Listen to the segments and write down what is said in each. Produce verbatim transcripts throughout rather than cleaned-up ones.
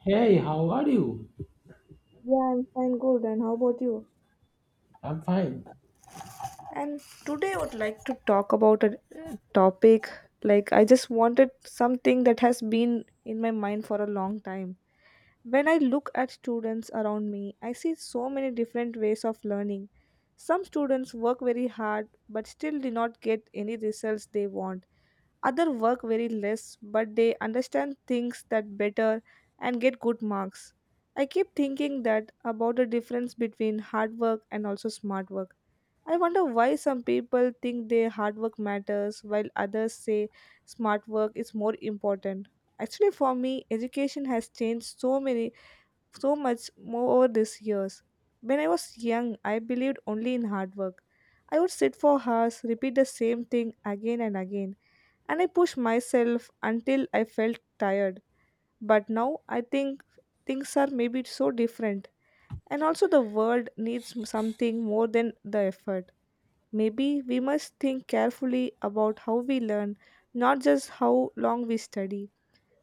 Hey, how are you? Yeah, I'm fine, good. And how about you? I'm fine. And today I would like to talk about a uh, topic like I just wanted something that has been in my mind for a long time. When I look at students around me, I see so many different ways of learning. Some students work very hard but still do not get any results they want. Others work very less but they understand things that better and get good marks. I keep thinking that about the difference between hard work and also smart work. I wonder why some people think their hard work matters while others say smart work is more important. Actually, for me, education has changed so many so much more over these years. When I was young, I believed only in hard work. I would sit for hours, repeat the same thing again and again, and I pushed myself until I felt tired. But now I think things are maybe so different, and also the world needs something more than the effort. Maybe we must think carefully about how we learn, not just how long we study.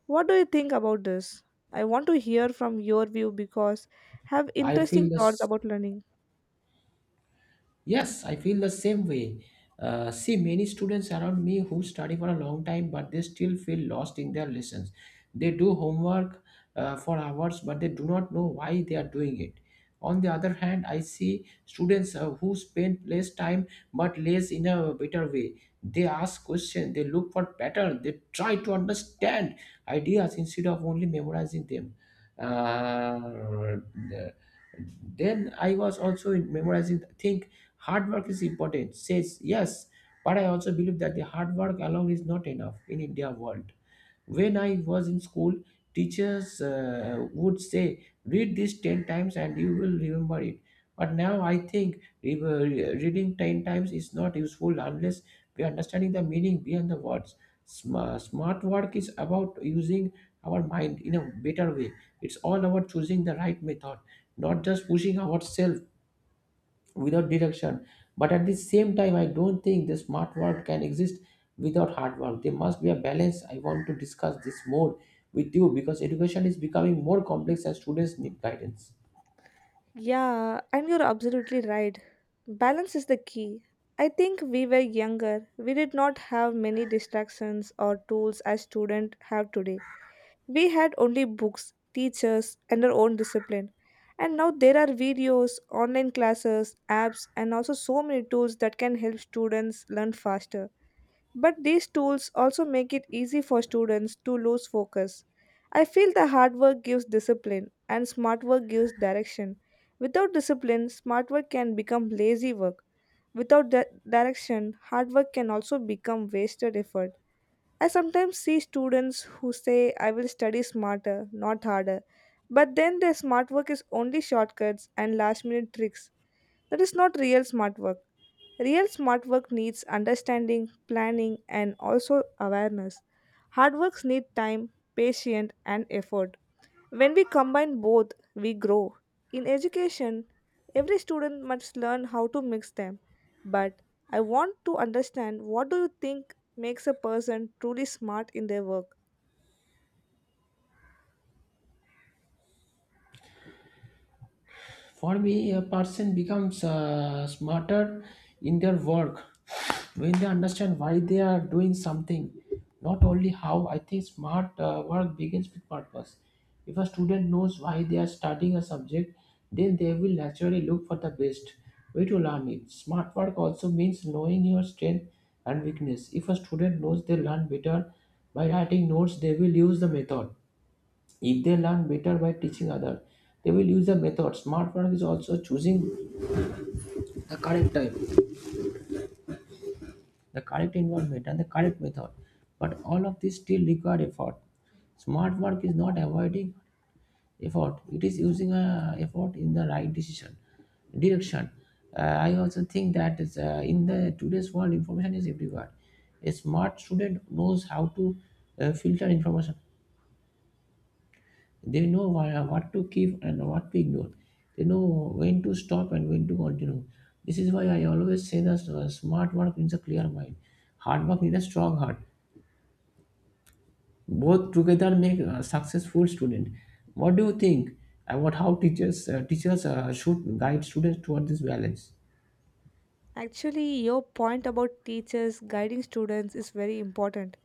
What do you think about this? I want to hear from your view because have I interesting feel the thoughts s- about learning. Yes, I feel the same way. Uh, see, many students around me who study for a long time, but they still feel lost in their lessons. They do homework uh, for hours, but they do not know why they are doing it. On the other hand, I see students uh, who spend less time but less in a better way. They ask questions, they look for patterns, they try to understand ideas instead of only memorizing them. Uh, then I was also in memorizing. Think hard work is important, says yes, but I also believe that the hard work alone is not enough in India world. When I was in school, teachers uh, would say, read this ten times and you will remember it. But now I think re- re- reading ten times is not useful unless we are understanding the meaning behind the words. Sm- smart work is about using our mind in a better way. It's all about choosing the right method, not just pushing ourselves without direction. But at the same time, I don't think the smart world can exist without hard work. There must be a balance. I want to discuss this more with you because education is becoming more complex and students need guidance. Yeah, and you're absolutely right. Balance is the key. I think we were younger. We did not have many distractions or tools as students have today. We had only books, teachers, and our own discipline. And now there are videos, online classes, apps, and also so many tools that can help students learn faster. But these tools also make it easy for students to lose focus. I feel the hard work gives discipline and smart work gives direction. Without discipline, smart work can become lazy work. Without di- direction, hard work can also become wasted effort. I sometimes see students who say, I will study smarter, not harder. But then their smart work is only shortcuts and last minute tricks. That is not real smart work. Real smart work needs understanding, planning, and also awareness. Hard works need time, patience, and effort. When we combine both, we grow. In education, every student must learn how to mix them. But I want to understand what do you think makes a person truly smart in their work? For me, a person becomes uh, smarter in their work when they understand why they are doing something, not only how. I think smart uh, work begins with purpose. If a student knows why they are studying a subject, then they will naturally look for the best way to learn it. Smart work also means knowing your strength and weakness. If a student knows they learn better by writing notes, they will use the method if they learn better by teaching others, they will use the method. Smart work is also choosing the correct time, the correct environment, and the correct method. But all of this still require effort. Smart work is not avoiding effort; it is using uh, effort in the right decision direction. Uh, I also think that is, uh, in the today's world, information is everywhere. A smart student knows how to uh, filter information. They know wha- what to keep and what to ignore. They know when to stop and when to continue. This is why I always say that uh, smart work needs a clear mind. Hard work needs a strong heart. Both together make a successful student. What do you think about how teachers uh, teachers uh, should guide students toward this balance? Actually, your point about teachers guiding students is very important.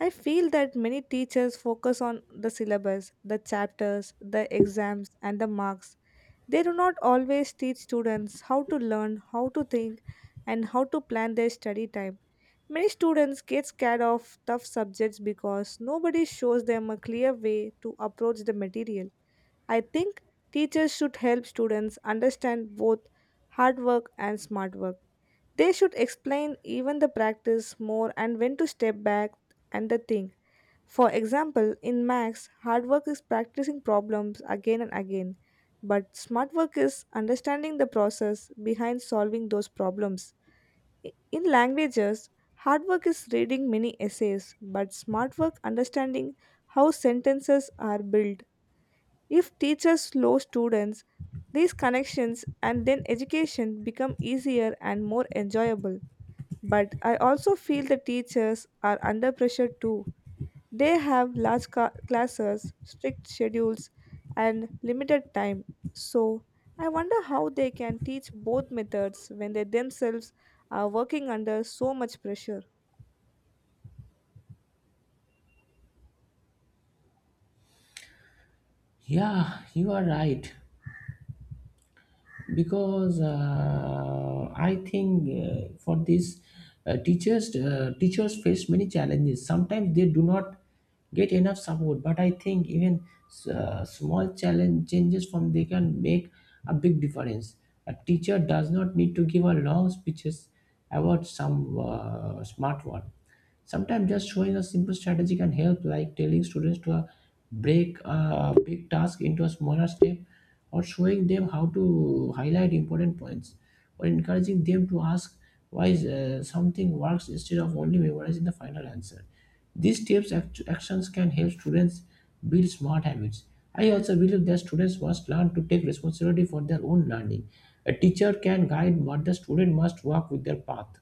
I feel that many teachers focus on the syllabus, the chapters, the exams, and the marks. They do not always teach students how to learn, how to think, and how to plan their study time. Many students get scared of tough subjects because nobody shows them a clear way to approach the material. I think teachers should help students understand both hard work and smart work. They should explain even the practice more and when to step back and the thing. For example, in Max, hard work is practicing problems again and again, but smart work is understanding the process behind solving those problems. I- In languages, hard work is reading many essays, but smart work understanding how sentences are built. If teachers slow students, these connections and then education become easier and more enjoyable. But I also feel the teachers are under pressure too they have large ca- classes, strict schedules, and limited time. So, I wonder how they can teach both methods when they themselves are working under so much pressure. Yeah, you are right. Because uh, I think uh, for this uh, teachers uh, teachers face many challenges. Sometimes they do not get enough support, but I think even uh, small challenge changes from they can make a big difference. A teacher does not need to give a long speeches about some uh, smart one. Sometimes just showing a simple strategy can help, like telling students to uh, break uh, a big task into a smaller step, or showing them how to highlight important points, or encouraging them to ask why uh, something works instead of only memorizing the final answer. These tips act- actions can help students build smart habits. I also believe that students must learn to take responsibility for their own learning. A teacher can guide, but the student must walk with their path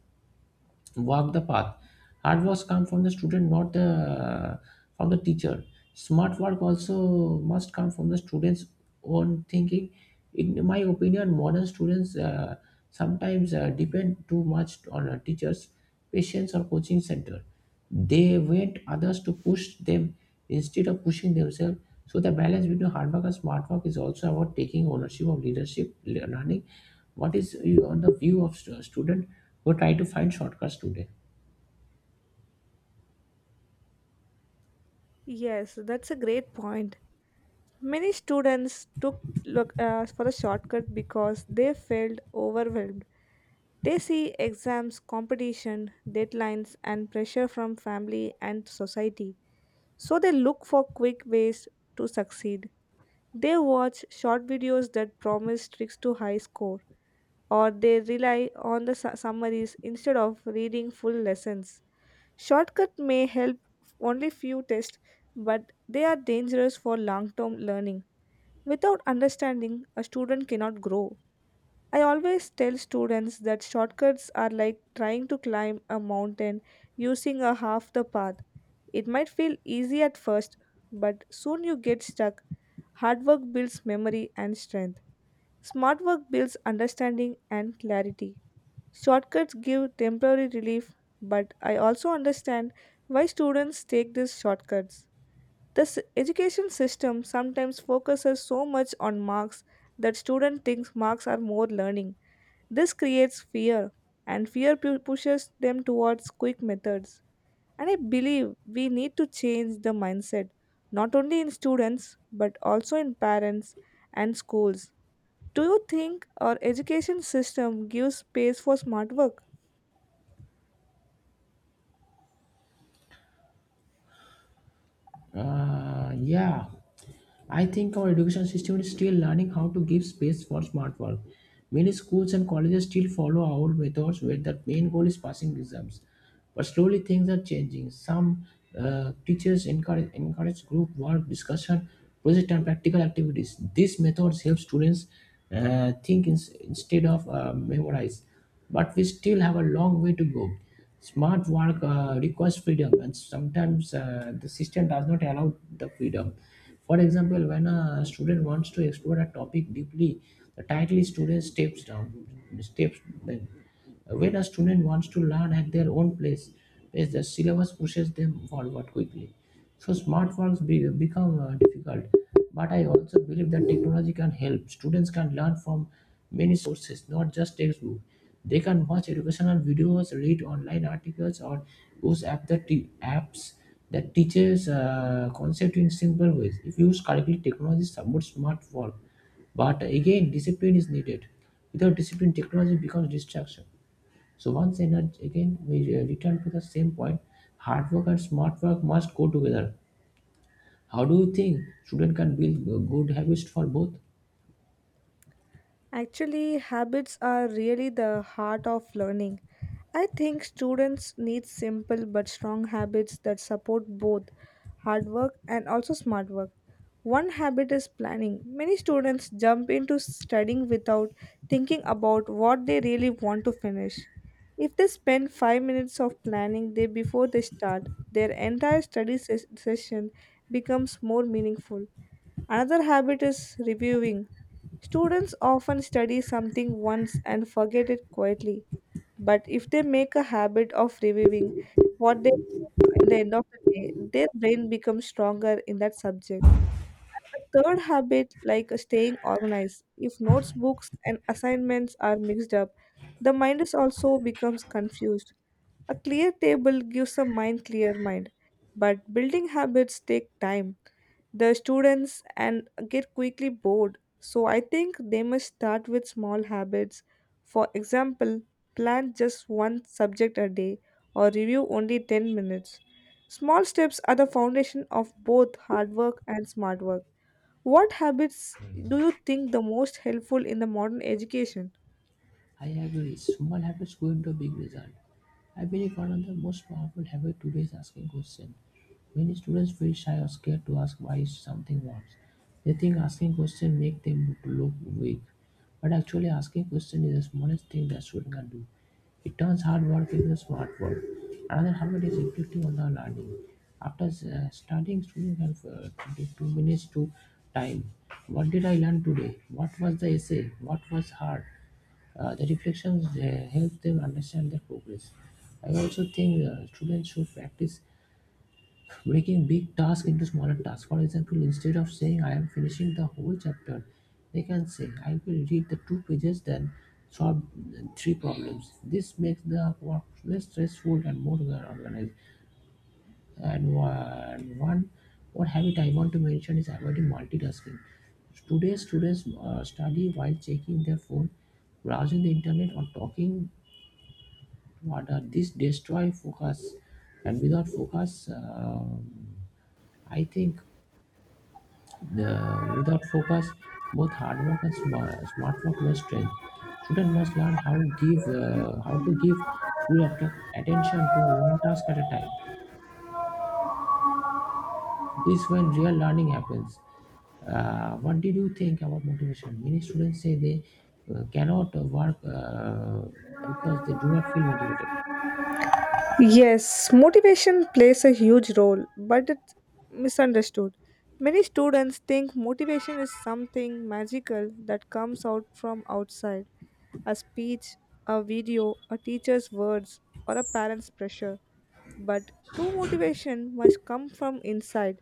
walk the path. Hard work comes from the student, not the from the teacher. Smart work also must come from the students' own thinking. In my opinion, modern students uh, sometimes uh, depend too much on uh, teachers, patients, or coaching center. They wait others to push them instead of pushing themselves. So the balance between hard work and smart work is also about taking ownership of leadership le- learning. What is your- on the view of stu- student who try to find shortcuts today? Yes, that's a great point. Many students took look uh, for a shortcut because they felt overwhelmed. They see exams, competition, deadlines, and pressure from family and society. So they look for quick ways to succeed. They watch short videos that promise tricks to high score, or they rely on the su- summaries instead of reading full lessons. Shortcut may help only few tests, but they are dangerous for long term learning. Without understanding, a student cannot grow. I always tell students that shortcuts are like trying to climb a mountain using a half the path. It might feel easy at first, but soon you get stuck. Hard work builds memory and strength. Smart work builds understanding and clarity. Shortcuts give temporary relief, but I also understand why students take these shortcuts. The s- education system sometimes focuses so much on marks that students think marks are more learning. This creates fear, and fear pu- pushes them towards quick methods. And I believe we need to change the mindset, not only in students, but also in parents and schools. Do you think our education system gives space for smart work? Uh, yeah, I think our education system is still learning how to give space for smart work. Many schools and colleges still follow old methods where the main goal is passing exams. But slowly things are changing. Some uh, teachers encourage, encourage group work, discussion, project and practical activities. These methods help students uh, think ins- instead of uh, memorize. But we still have a long way to go. Smart work uh, requires freedom, and sometimes uh, the system does not allow the freedom. For example, when a student wants to explore a topic deeply, the title is student steps down, steps. Down. When a student wants to learn at their own place, pace, the syllabus pushes them forward quickly. So smart works be, become uh, difficult. But I also believe that technology can help. Students can learn from many sources, not just textbook. They can watch educational videos, read online articles, or use app that te- apps that teaches uh, concept in simple ways. If used correctly, technology supports smart work. But again, discipline is needed. Without discipline, technology becomes distraction. So once and again we uh, return to the same point: hard work and smart work must go together. How do you think students can build uh, good habits for both? Actually, habits are really the heart of learning. I think students need simple but strong habits that support both hard work and also smart work. One habit is planning. Many students jump into studying without thinking about what they really want to finish. If they spend five minutes of planning day before they start, their entire study ses- session becomes more meaningful. Another habit is reviewing. Students often study something once and forget it quietly. But if they make a habit of reviewing what they at the end of the day, their brain becomes stronger in that subject. A third habit, like staying organized. If notes, books, and assignments are mixed up, the mind is also becomes confused. A clear table gives a mind clear mind. But building habits take time the students and get quickly bored. So I think they must start with small habits. For example, plan just one subject a day or review only ten minutes. Small steps are the foundation of both hard work and smart work. What habits do you think the most helpful in the modern education? I agree. Small habits go into big result. I believe one of the most powerful habits today is asking questions. Many students feel shy or scared to ask why something wants. They think asking questions make them look weak. But actually asking questions is the smallest thing that students can do. It turns hard work into smart work. Another habit is reflecting on the learning. After uh, studying, students have uh, twenty-two minutes to time. What did I learn today? What was the essay? What was hard? uh, the reflections uh, help them understand their progress. I also think uh, students should practice breaking big tasks into smaller tasks. For example, instead of saying I am finishing the whole chapter, they can say I will read the two pages then solve uh, three problems. This makes the work less stressful and more well organized. And one, one what habit I want to mention is avoiding multitasking. Today, students uh, study while checking their phone, browsing the internet, or talking what are this destroy focus and without focus uh, I think the without focus both hard work and smart, smart work lose strength student must learn how give uh, how to give full att- attention to one task at a time. This when real learning happens. Uh, what did you think about motivation? Many students say they uh, cannot uh, work uh, because they do not feel motivated. Yes, motivation plays a huge role, but it's misunderstood. Many students think motivation is something magical that comes out from outside a speech, a video, a teacher's words, or a parent's pressure. But true motivation must come from inside.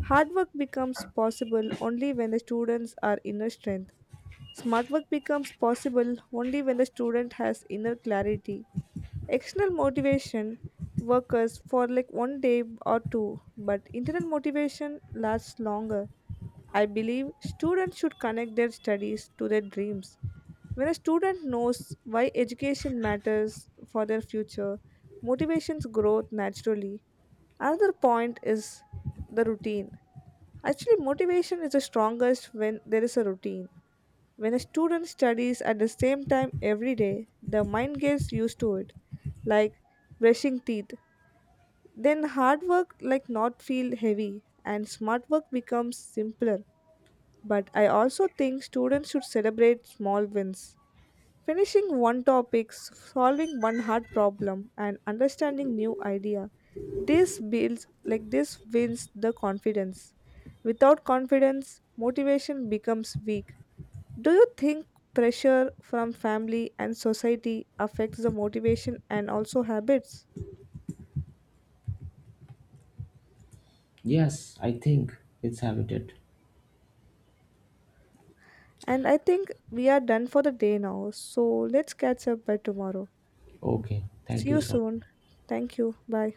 Hard work becomes possible only when the students are inner strength. Smart work becomes possible only when the student has inner clarity. External motivation workers for like one day or two, but internal motivation lasts longer. I believe students should connect their studies to their dreams. When a student knows why education matters for their future, motivations grow naturally. Another point is the routine. Actually, motivation is the strongest when there is a routine. When a student studies at the same time every day, the mind gets used to it, like brushing teeth. Then hard work like not feel heavy and smart work becomes simpler. But I also think students should celebrate small wins. Finishing one topic, solving one hard problem, and understanding new idea. This builds like this wins the confidence. Without confidence, motivation becomes weak. Do you think pressure from family and society affects the motivation and also habits? Yes, I think it's habited. And I think we are done for the day now. So let's catch up by tomorrow. Okay, See thank you you so soon. much. Thank you. Bye.